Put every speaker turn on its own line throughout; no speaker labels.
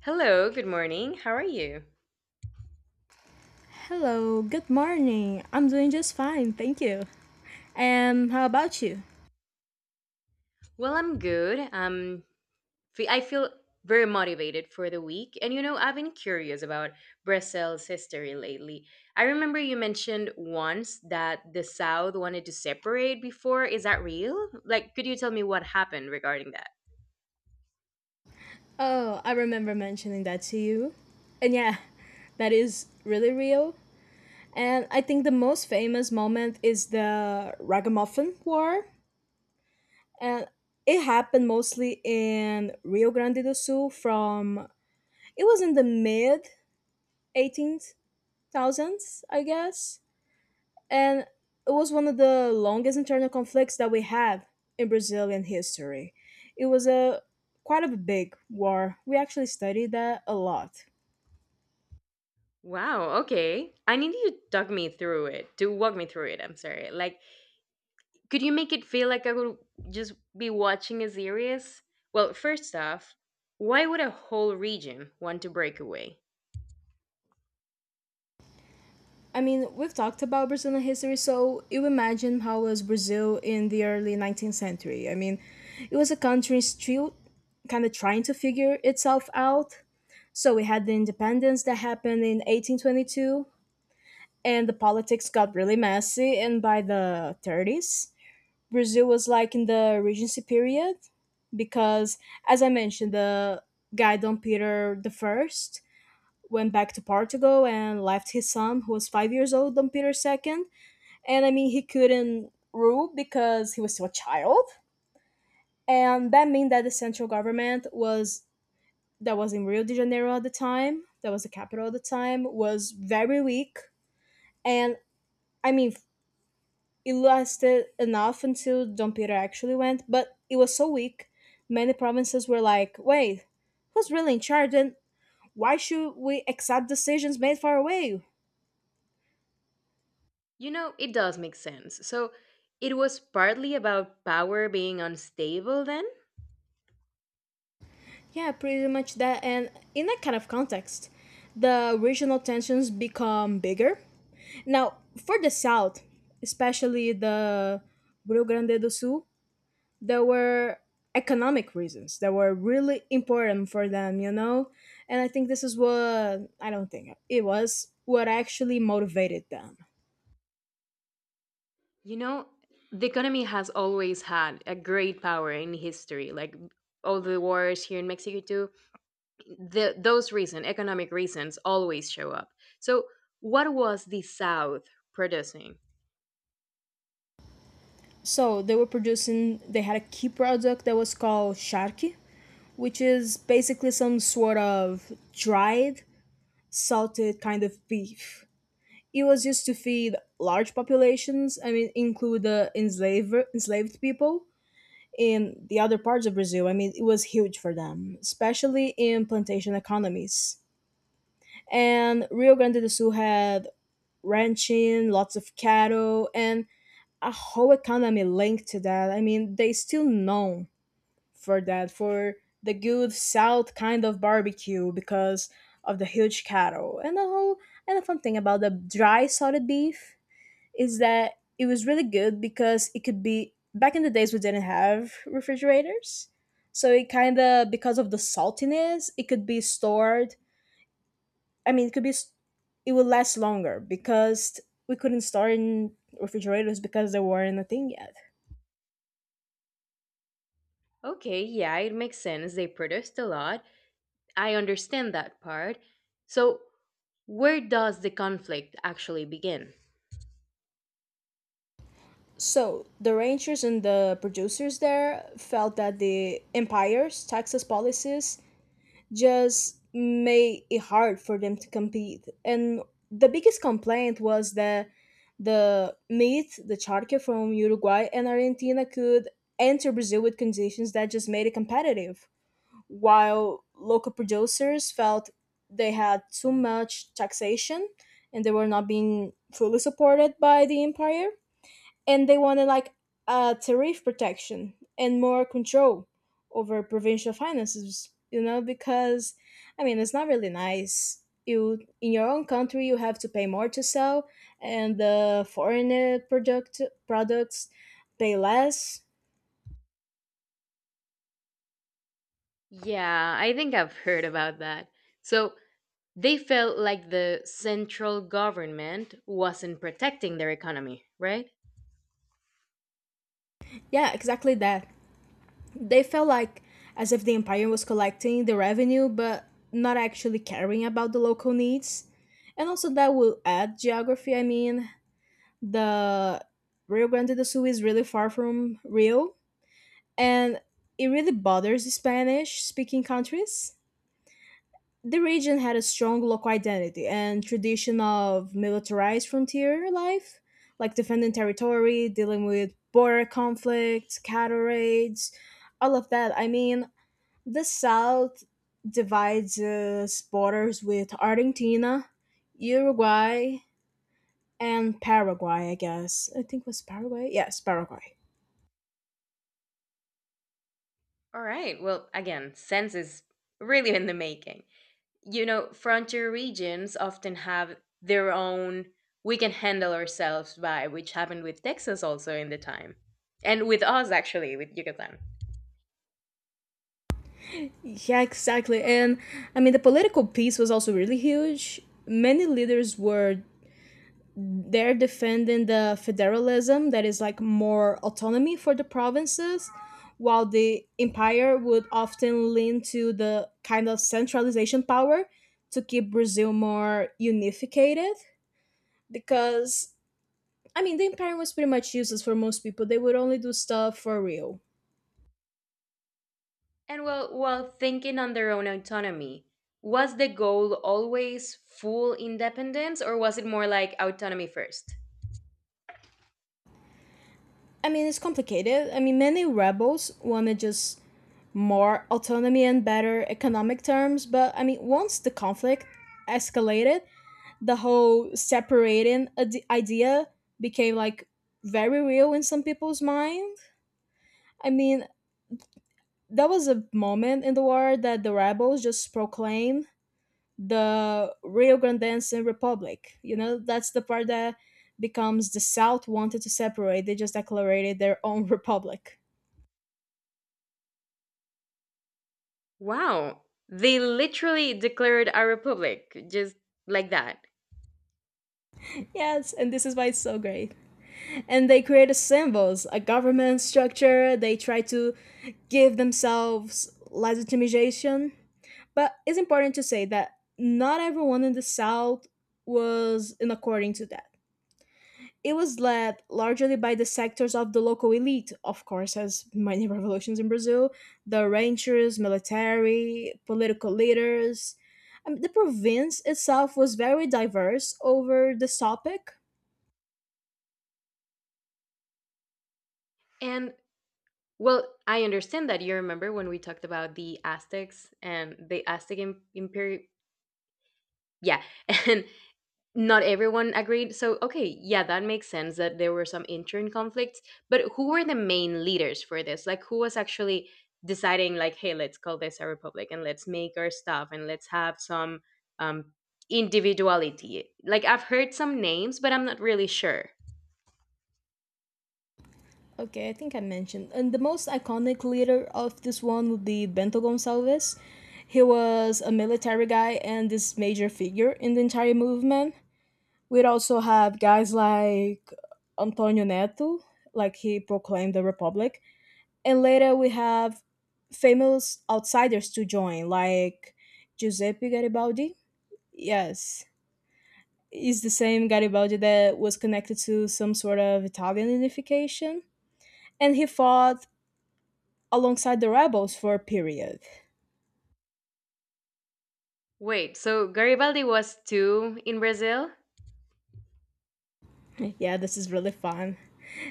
Hello, good morning. How are you?
Hello, good morning. I'm doing just fine, thank you. And how about you?
Well, I'm good. I feel very motivated for the week. And I've been curious about Brazil's history lately. I remember you mentioned once that the South wanted to separate before. Is that real? Like, could you tell me what happened regarding that?
Oh, I remember mentioning that to you. And yeah, that is really real. And I think the most famous moment is the Ragamuffin War. And it happened mostly in Rio Grande do Sul from, it was in the mid 18th I guess. And it was one of the longest internal conflicts that we have in Brazilian history. It was a quite a big war. We actually studied that a lot.
Wow, okay. I need you to talk me through it, to walk me through it. I'm sorry. Like, could you make it feel like I would just be watching a series? Well, first off, why would a whole region want to break away?
I mean, we've talked about Brazilian history, so you imagine how was Brazil in the early 19th century. I mean, it was a country still kind of trying to figure itself out. So we had the independence that happened in 1822, and the politics got really messy. And by the 30s, Brazil was like in the Regency period because, as I mentioned, the guy Dom Peter the First went back to Portugal and left his son, who was 5 years old, Dom Peter the Second. And he couldn't rule because he was still a child, and that meant that the central government was that was in Rio de Janeiro at the time, that was the capital at the time, was very weak. And I mean, it lasted enough until Dom Pedro actually went, but it was so weak. Many provinces were like, wait, who's really in charge and why should we accept decisions made far away?
It does make sense. So it was partly about power being unstable then?
Yeah, pretty much that. And in that kind of context, the regional tensions become bigger. Now, for the South, especially the Rio Grande do Sul, there were economic reasons that were really important for them, you know? And I think this is what I don't think it was what actually motivated them.
You know, the economy has always had a great power in history, like all the wars here in Mexico too. Those reasons, economic reasons, always show up. So what was the South producing?
So they were producing, they had a key product that was called charqui, which is basically some sort of dried, salted kind of beef. It was used to feed large populations, I mean, include the enslaved people in the other parts of Brazil. I mean, it was huge for them, especially in plantation economies. And Rio Grande do Sul had ranching, lots of cattle, and a whole economy linked to that. I mean, they still known for that, for the good South kind of barbecue because of the huge cattle and the whole and the fun thing about the dry salted beef is that it was really good because it could be back in the days we didn't have refrigerators. So it kind of because of the saltiness, it could be stored. I mean, it could be s- it would last longer because we couldn't store in refrigerators because they weren't a thing yet.
Okay, yeah, it makes sense. They protest a lot. I understand that part. So, where does the conflict actually begin?
So the ranchers and the producers there felt that the empire's taxes policies just made it hard for them to compete. And the biggest complaint was that the meat, the charque from Uruguay and Argentina could enter Brazil with conditions that just made it competitive, while local producers felt they had too much taxation and they were not being fully supported by the empire and they wanted like tariff protection and more control over provincial finances. You know, because I mean, it's not really nice. You in your own country, you have to pay more to sell, and the foreign products pay less.
Yeah, I think I've heard about that. So, they felt like the central government wasn't protecting their economy, right?
Yeah, exactly that. They felt like as if the empire was collecting the revenue, but not actually caring about the local needs. And also, that will add geography. I mean, the Rio Grande do Sul is really far from Rio, and it really bothers Spanish speaking countries. The region had a strong local identity and tradition of militarized frontier life, like defending territory, dealing with border conflicts, cattle raids, all of that. I mean, the South divides its borders with Argentina, Uruguay, and Paraguay, I guess. I think it was Paraguay? Yes, Paraguay.
All right, well, again, sense is really in the making. Frontier regions often have their own we can handle ourselves by, which happened with Texas also in the time. And with us actually, with Yucatan.
Yeah, exactly. And I mean, the political piece was also really huge. Many leaders were there defending the federalism that is like more autonomy for the provinces, while the empire would often lean to the kind of centralization power to keep Brazil more unificated. Because, I mean, the empire was pretty much useless for most people, they would only do stuff for real.
And while thinking on their own autonomy, was the goal always full independence or was it more like autonomy first?
I mean, it's complicated. I mean, many rebels want to just more autonomy and better economic terms. But I mean, once the conflict escalated, the whole idea became like very real in some people's mind. I mean, that was a moment in the war that the rebels just proclaimed the Rio Grandense Republic. You know, that's the part that becomes the South wanted to separate. They just declared their own republic.
Wow. They literally declared a republic, just like that.
Yes, and this is why it's so great. And they create symbols, a government structure. They try to give themselves legitimization. But it's important to say that not everyone in the South was in according to that. It was led largely by the sectors of the local elite, of course, as many revolutions in Brazil, the ranchers, military, political leaders. I mean, the province itself was very diverse over this topic.
And well, I understand that you remember when we talked about the Aztecs and the Aztec Imperial. Yeah, and not everyone agreed. So, okay, yeah, that makes sense that there were some intern conflicts, but who were the main leaders for this? Like who was actually deciding like, "Hey, let's call this a republic and let's make our stuff and let's have some um individuality." Like I've heard some names, but I'm not really sure.
Okay, I think I mentioned. And the most iconic leader of this one would be Bento Gonçalves. He was a military guy and this major figure in the entire movement. We'd also have guys like Antonio Neto, like he proclaimed the Republic. And later we have famous outsiders to join, like Giuseppe Garibaldi. Yes, is the same Garibaldi that was connected to some sort of Italian unification. And he fought alongside the rebels for a period.
Wait, so Garibaldi was too in Brazil?
Yeah, this is really fun.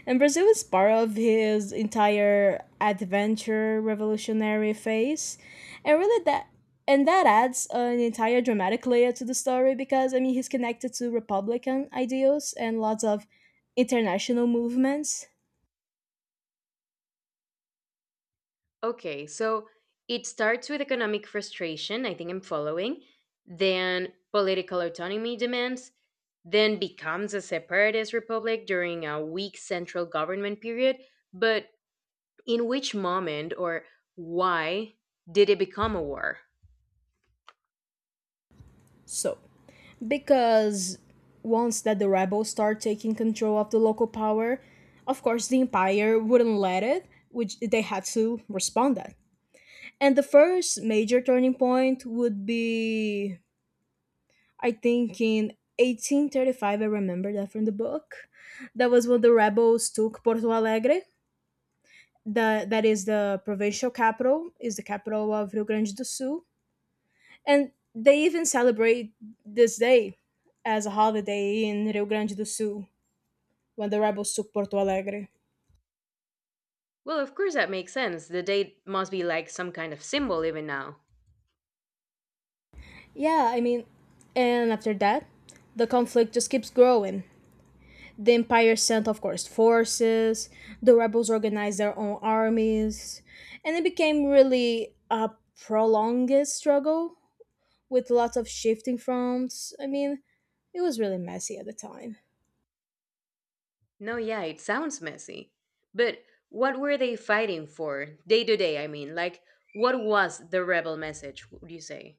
And Brazil is part of his entire adventure revolutionary phase. And really that adds an entire dramatic layer to the story because I mean he's connected to republican ideals and lots of international movements.
Okay, so it starts with economic frustration, I think I'm following, then political autonomy demands, then becomes a separatist republic during a weak central government period. But in which moment or why did it become a war?
So, because once that the rebels start taking control of the local power, of course the empire wouldn't let it, which they had to respond that. And the first major turning point would be, I think, in 1835. I remember that from the book. That was when the rebels took Porto Alegre. That is the provincial capital, is the capital of Rio Grande do Sul. And they even celebrate this day as a holiday in Rio Grande do Sul when the rebels took Porto Alegre.
Well, of course, that makes sense. The date must be like some kind of symbol, even now.
Yeah, I mean, and after that, the conflict just keeps growing. The Empire sent, of course, forces. The rebels organized their own armies. And it became really a prolonged struggle with lots of shifting fronts. I mean, it was really messy at the time.
No, yeah, it sounds messy. But what were they fighting for? Day to day, I mean. Like, what was the rebel message, would you say?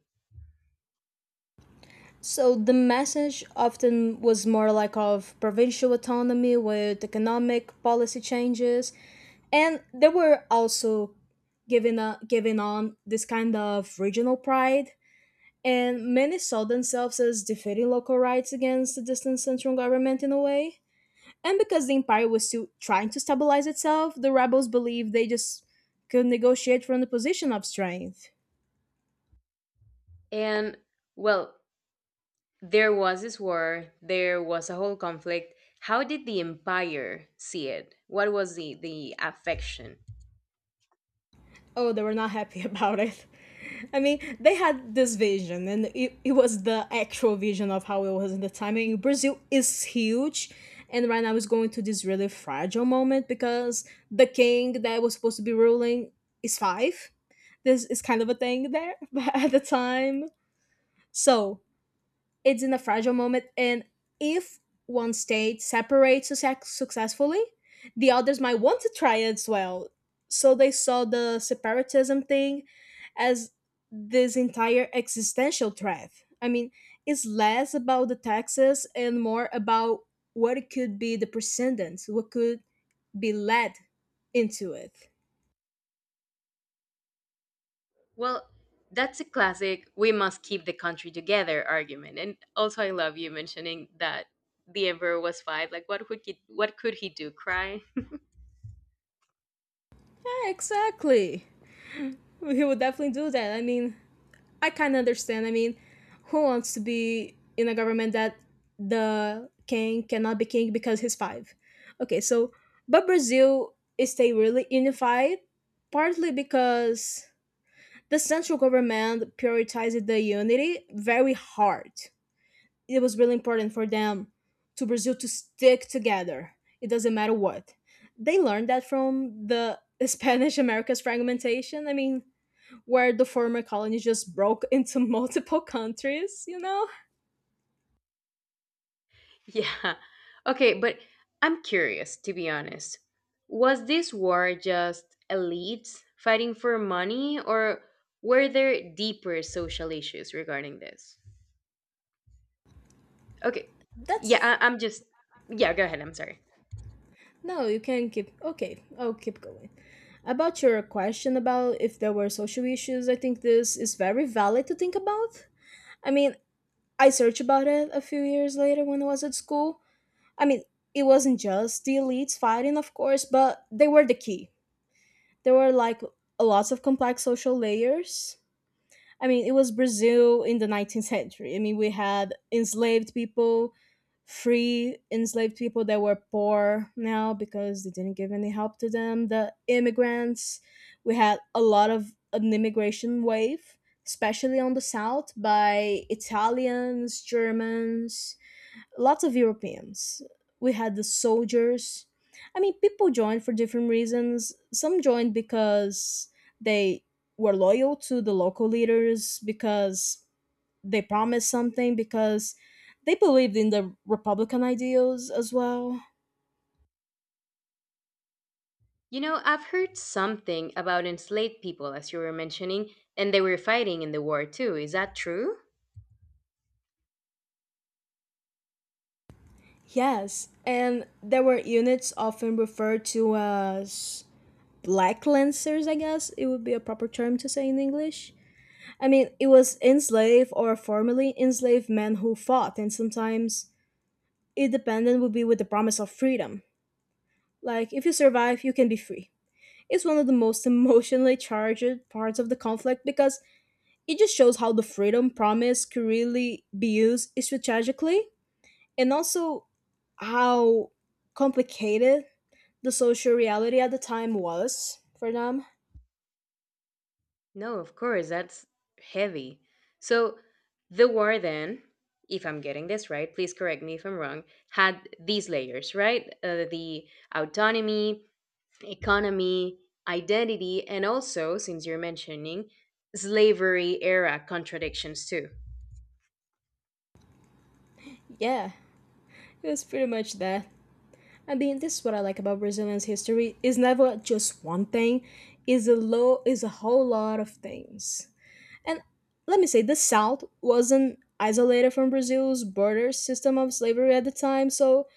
So the message often was more like of provincial autonomy with economic policy changes, and they were also giving on this kind of regional pride and many saw themselves as defending local rights against the distant central government in a way. And because the empire was still trying to stabilize itself, the rebels believed they just could negotiate from the position of strength.
And, well, there was this war, there was a whole conflict. How did the empire see it? What was the affection?
Oh, they were not happy about it. I mean, they had this vision, and it was the actual vision of how it was in the time. I mean, Brazil is huge, and right now is going to this really fragile moment because the king that was supposed to be ruling is five. This is kind of a thing there at the time. So it's in a fragile moment, and if one state separates successfully, the others might want to try as well. So they saw the separatism thing as this entire existential threat. I mean, it's less about the taxes and more about what could be the precedents, what could be led into it.
Well, that's a classic we must keep the country together argument. And also I love you mentioning that the emperor was five. Like what could he do? Cry?
Yeah, exactly. He would definitely do that. I mean, I kind of understand. I mean, who wants to be in a government that the king cannot be king because he's five? Okay, so but Brazil is stay really unified, partly because the central government prioritized the unity very hard. It was really important for them to Brazil to stick together. It doesn't matter what. They learned that from the Spanish America's fragmentation. I mean, where the former colony just broke into multiple countries, you know?
yeah. Okay, but I'm curious to be honest. Was this war just elites fighting for money or were there deeper social issues regarding this? Okay. Yeah,
That's
I'm just. Yeah, go ahead. I'm sorry.
no, you can keep okay, I'll keep going. About your question about if there were social issues, I think this is very valid to think about. I mean, I searched about it a few years later when I was at school. I mean, it wasn't just the elites fighting, of course, but they were the key. There were like lots of complex social layers I mean, it was Brazil in the 19th century. I mean, we had enslaved people, free enslaved people that were poor now because they didn't give any help to them, the immigrants. We had a lot of an immigration wave, especially on the south by Italians, Germans, lots of Europeans. We had the soldiers. People joined for different reasons. Some joined because they were loyal to the local leaders, because they promised something, because they believed in the Republican ideals as well.
I've heard something about enslaved people, as you were mentioning, and they were fighting in the war too. Is that true?
Yes, and there were units often referred to as black lancers, I guess it would be a proper term to say in English. It was enslaved or formerly enslaved men who fought, and sometimes independent would be with the promise of freedom. Like, if you survive, you can be free. It's one of the most emotionally charged parts of the conflict because it just shows how the freedom promise could really be used strategically, and also how complicated the social reality at the time was for them.
No, of course, that's heavy. So, the war then, if I'm getting this right, please correct me if I'm wrong, had these layers, right? The autonomy, economy, identity, and also, since you're mentioning, slavery era contradictions too.
Yeah, it was pretty much that. This is what I like about Brazilian's history. It's never just one thing. It's a low. Is a whole lot of things. And let me say, the South wasn't isolated from Brazil's border system of slavery at the time. So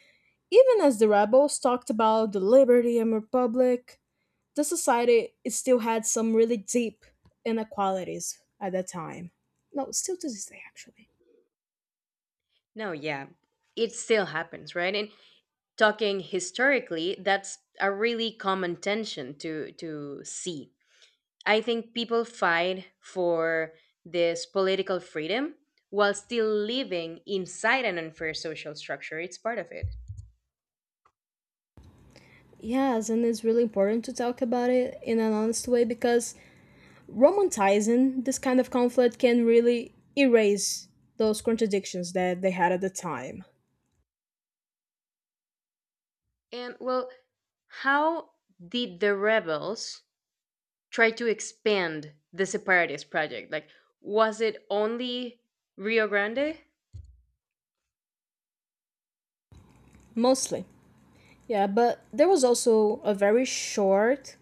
even as the rebels talked about the liberty and republic, the society it still had some really deep inequalities at that time. No, still to this day, actually.
No, yeah, it still happens, right? And talking historically, that's a really common tension to see. I think people fight for this political freedom while still living inside an unfair social structure. It's part of it.
Yes, and it's really important to talk about it in an honest way because romanticizing this kind of conflict can really erase those contradictions that they had at the time.
And well, how did the rebels try to expand the separatist project? Like, was it only Rio Grande?
Mostly. Yeah, but there was also a very short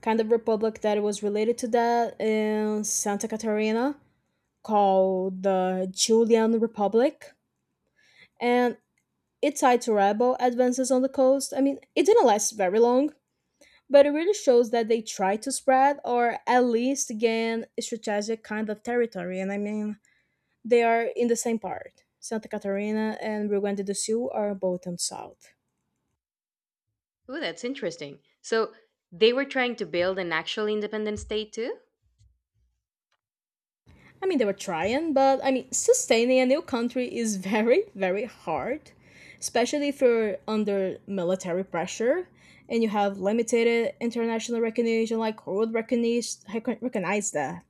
kind of republic that was related to that in Santa Catarina called the Julian Republic. And it tied to rebel advances on the coast. It didn't last very long, but it really shows that they tried to spread or at least gain strategic kind of territory. And they are in the same part. Santa Catarina and Rio Grande do Sul are both in south.
Ooh, that's interesting. So they were trying to build an actual independent state too?
They were trying, but sustaining a new country is very, very hard, especially if you're under military pressure and you have limited international recognition, like world recognition, recognize that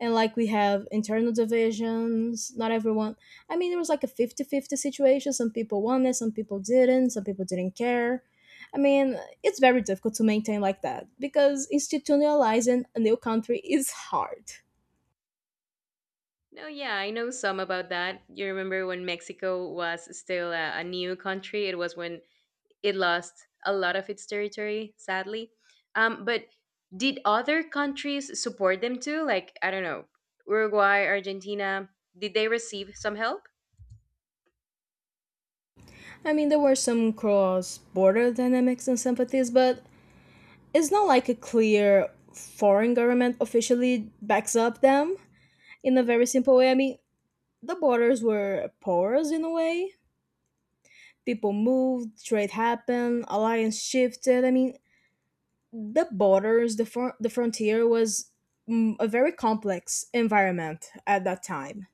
and like we have internal divisions not everyone there was like a 50-50 situation some people wanted some people didn't care i mean it's very difficult to maintain like that because institutionalizing a new country is hard
No, yeah, I know some about that. You remember when Mexico was still a new country? It was when it lost a lot of its territory, sadly. But did other countries support them too? Like, I don't know, Uruguay, Argentina, did they receive some help?
there were some cross-border dynamics and sympathies but it's not like a clear foreign government officially backs up them in a very simple way the borders were porous in a way people moved, trade happened, alliance shifted. The borders, the frontier was a very complex environment at that time.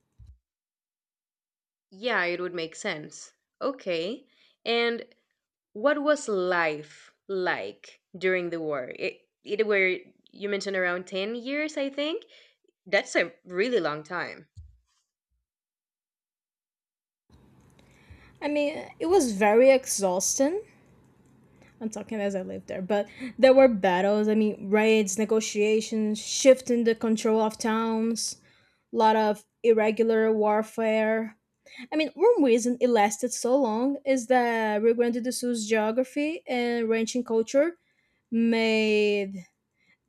Yeah, it would make sense. Okay. And what was life like during the war? It were you mentioned around 10 years, I think. That's a really long time.
It was very exhausting. I'm talking as I lived there, but there were battles. Raids, negotiations, shifting the control of towns, a lot of irregular warfare. One reason it lasted so long is that Rio Grande do Sul's geography and ranching culture made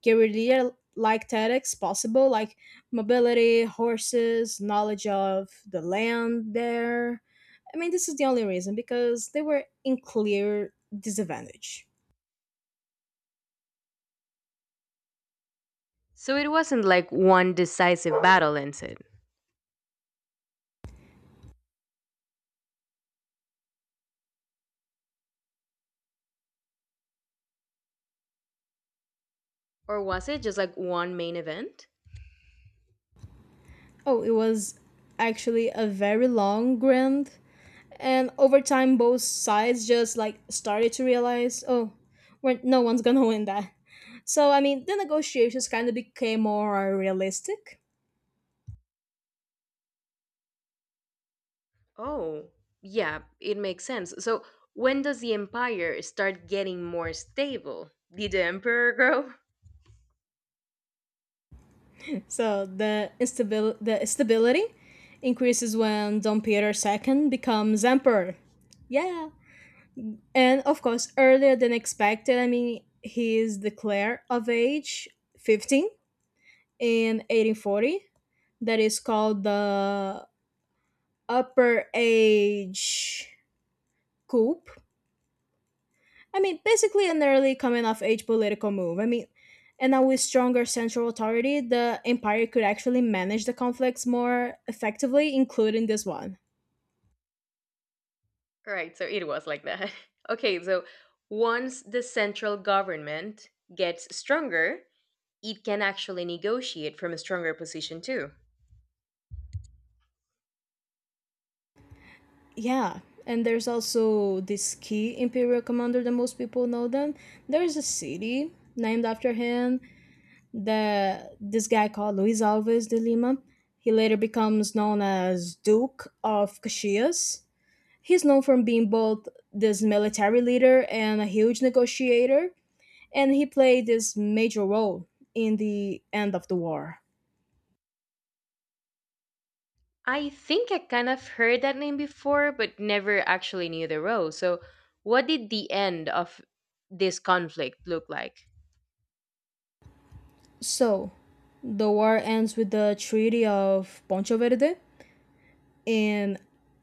guerrilla like tactics possible, like mobility, horses, knowledge of the land there. This is the only reason because they were in clear disadvantage.
So it wasn't like one decisive battle ended. Or was it just like one main event?
Oh, it was actually a very long grind, and over time, both sides just like started to realize, oh, no one's gonna win that. So, the negotiations kind of became more realistic.
Oh, yeah, it makes sense. So when does the empire start getting more stable? Did the emperor grow?
So the stability increases when Dom Peter II becomes emperor. Yeah. And of course, earlier than expected, he is declared of age 15 in 1840. That is called the upper age coup. Basically an early coming of age political move. And now with stronger central authority, the empire could actually manage the conflicts more effectively, including this one.
Right, so it was like that. Okay, so once the central government gets stronger, it can actually negotiate from a stronger position too.
Yeah, and there's also this key imperial commander that most people know them. There's a city named after him. The this guy called Luis Alves de Lima. He later becomes known as Duke of Caxias. He's known from being both this military leader and a huge negotiator and he played this major role in the end of the war.
I think I kind of heard that name before, but never actually knew the role. So, what did the end of this conflict look like?
So, the war ends with the Treaty of Poncho Verde in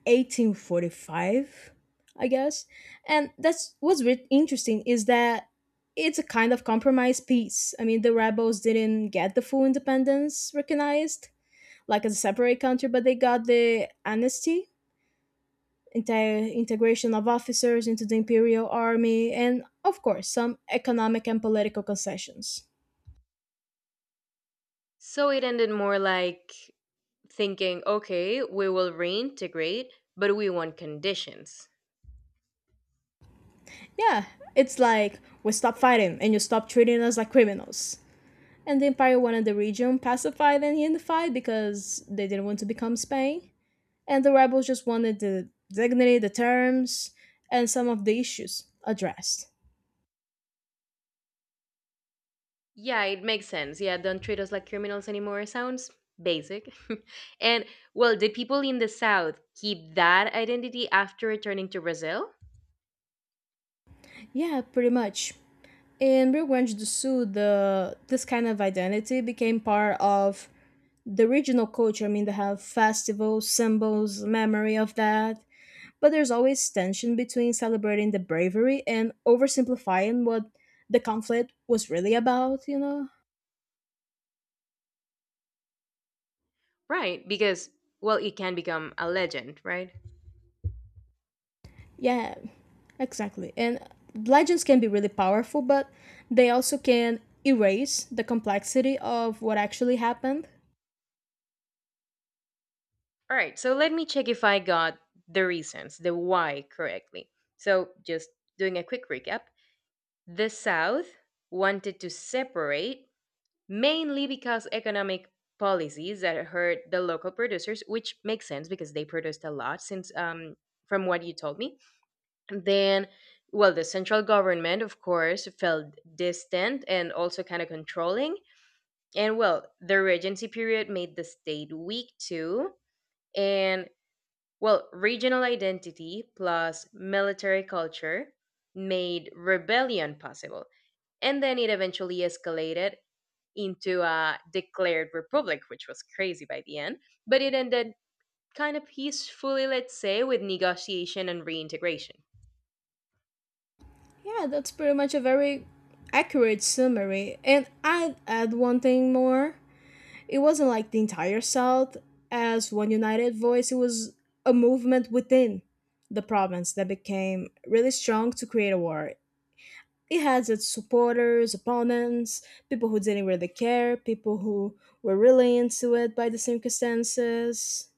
1845, I guess. And that's what's re- interesting is that it's a kind of compromise peace. The rebels didn't get the full independence recognized, like as a separate country, but they got the amnesty entire integration of officers into the imperial army, and of course, some economic and political concessions.
So, it ended more like thinking, okay, we will reintegrate, but we want conditions.
Yeah, it's like we stop fighting and you stop treating us like criminals. And the empire wanted the region pacified and unified because they didn't want to become Spain. And the rebels just wanted the dignity, the terms, and some of the issues addressed.
Yeah, it makes sense. Yeah, don't treat us like criminals anymore sounds basic. and well, did people in the South keep that identity after returning to Brazil?
Yeah, pretty much. In Rio Grande do Sul, the this kind of identity became part of the regional culture. They have festivals, symbols, memory of that. But there's always tension between celebrating the bravery and oversimplifying what the conflict was really about, you know?
Right, because, well, it can become a legend, right?
Yeah, exactly. And legends can be really powerful, but they also can erase the complexity of what actually happened.
All right, so let me check if I got the reasons, the why correctly. So, just doing a quick recap the South wanted to separate mainly because economic policies that hurt the local producers, which makes sense because they produced a lot since from what you told me. Then, well, the central government, of course, felt distant and also kind of controlling. And well, the regency period made the state weak too. And well, regional identity plus military culture made rebellion possible and then it eventually escalated into a declared republic, which was crazy by the end. But it ended kind of peacefully, let's say, with negotiation and reintegration.
Yeah, that's pretty much a very accurate summary. And I'd add one thing more it wasn't like the entire South as one united voice, it was a movement within the province that became really strong to create a war. It has its supporters, opponents, people who didn't really care, people who were really into it by the circumstances.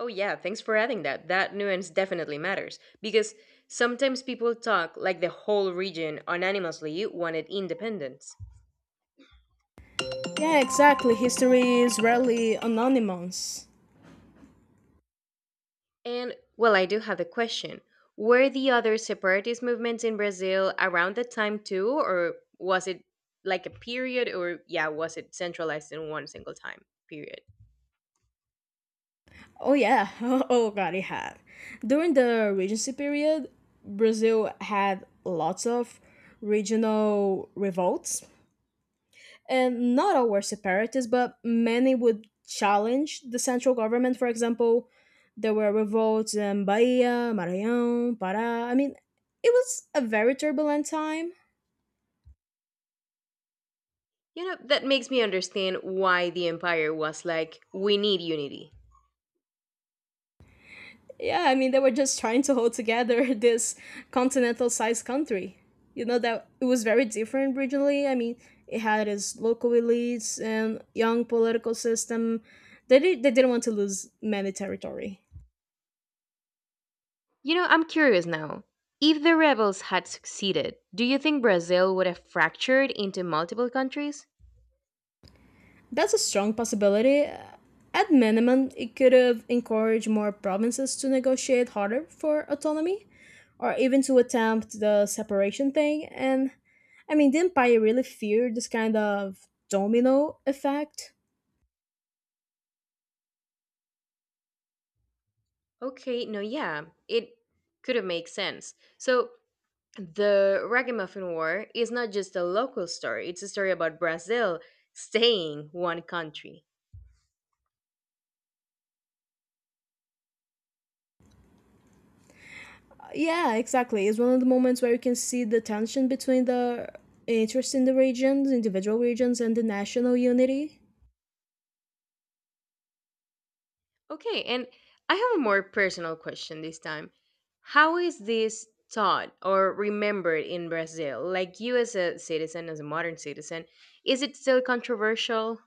Oh, yeah, thanks for adding that. That nuance definitely matters because sometimes people talk like the whole region unanimously wanted independence.
Yeah, exactly. History is rarely anonymous.
And, well, I do have a question. Were the other separatist movements in Brazil around that time too, or was it like a period, or yeah, was it centralized in one single time period?
Oh, yeah. Oh, God, it had. During the Regency period, Brazil had lots of regional revolts and not all were separatists, but many would challenge the central government. For example, there were revolts in Bahia, Maranhão, Pará. It was a very turbulent time.
That makes me understand why the Empire was like, we need unity.
Yeah, they were just trying to hold together this continental sized country. You know, that it was very different regionally. It had its local elites and young political system. They didn't want to lose many territory.
I'm curious now. If the rebels had succeeded, do you think Brazil would have fractured into multiple countries?
That's a strong possibility. At minimum, it could have encouraged more provinces to negotiate harder for autonomy, or even to attempt the separation thing. And didn't empire really fear this kind of domino effect.
Okay, no, yeah, it could have made sense. So, the Ragamuffin War is not just a local story, it's a story about Brazil staying one country.
Yeah, exactly. It's one of the moments where you can see the tension between the interest in the regions, individual regions, and the national unity.
Okay, and I have a more personal question this time. How is this taught or remembered in Brazil? Like you as a citizen, as a modern citizen, is it still controversial?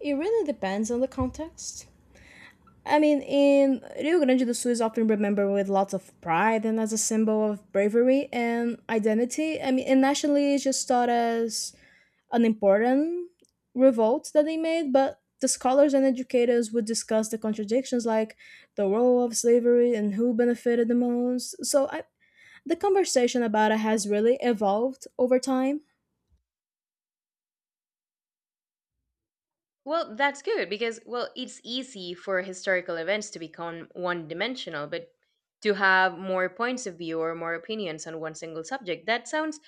It really depends on the context. In Rio Grande do Sul is often remembered with lots of pride and as a symbol of bravery and identity. And nationally, it's just thought as an important revolt that they made, but the scholars and educators would discuss the contradictions like the role of slavery and who benefited the most. The conversation about it has really evolved over time.
Well, that's good because well, it's easy for historical events to become one-dimensional, but to have more points of view or more opinions on one single subject, that sounds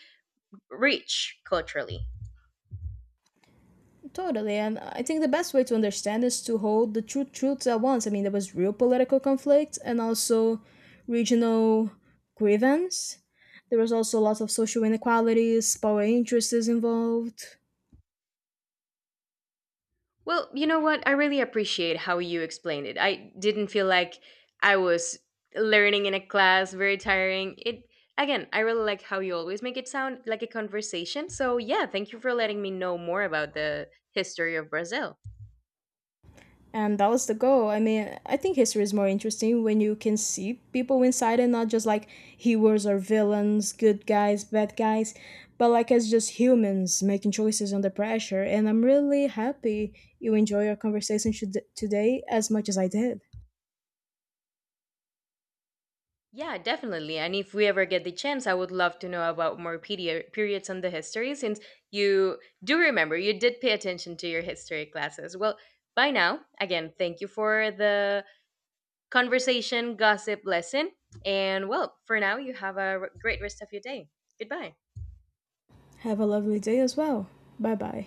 rich culturally.
Totally, and I think the best way to understand is to hold the two truths at once. There was real political conflict and also regional grievance. There was also lots of social inequalities, power interests involved.
Well, you know what? I really appreciate how you explained it. I didn't feel like I was learning in a class, very tiring. It Again, I really like how you always make it sound like a conversation. So, yeah, thank you for letting me know more about the history of Brazil.
And that was the goal. I think history is more interesting when you can see people inside and not just like heroes or villains, good guys, bad guys, but like as just humans making choices under pressure. And I'm really happy you enjoy our conversation today as much as I did.
Yeah, definitely. And if we ever get the chance, I would love to know about more periods on the history since you do remember, you did pay attention to your history classes. Well, by now, again, thank you for the conversation, gossip, lesson. And well, for now, you have a great rest of your day. Goodbye.
Have a lovely day as well. Bye bye.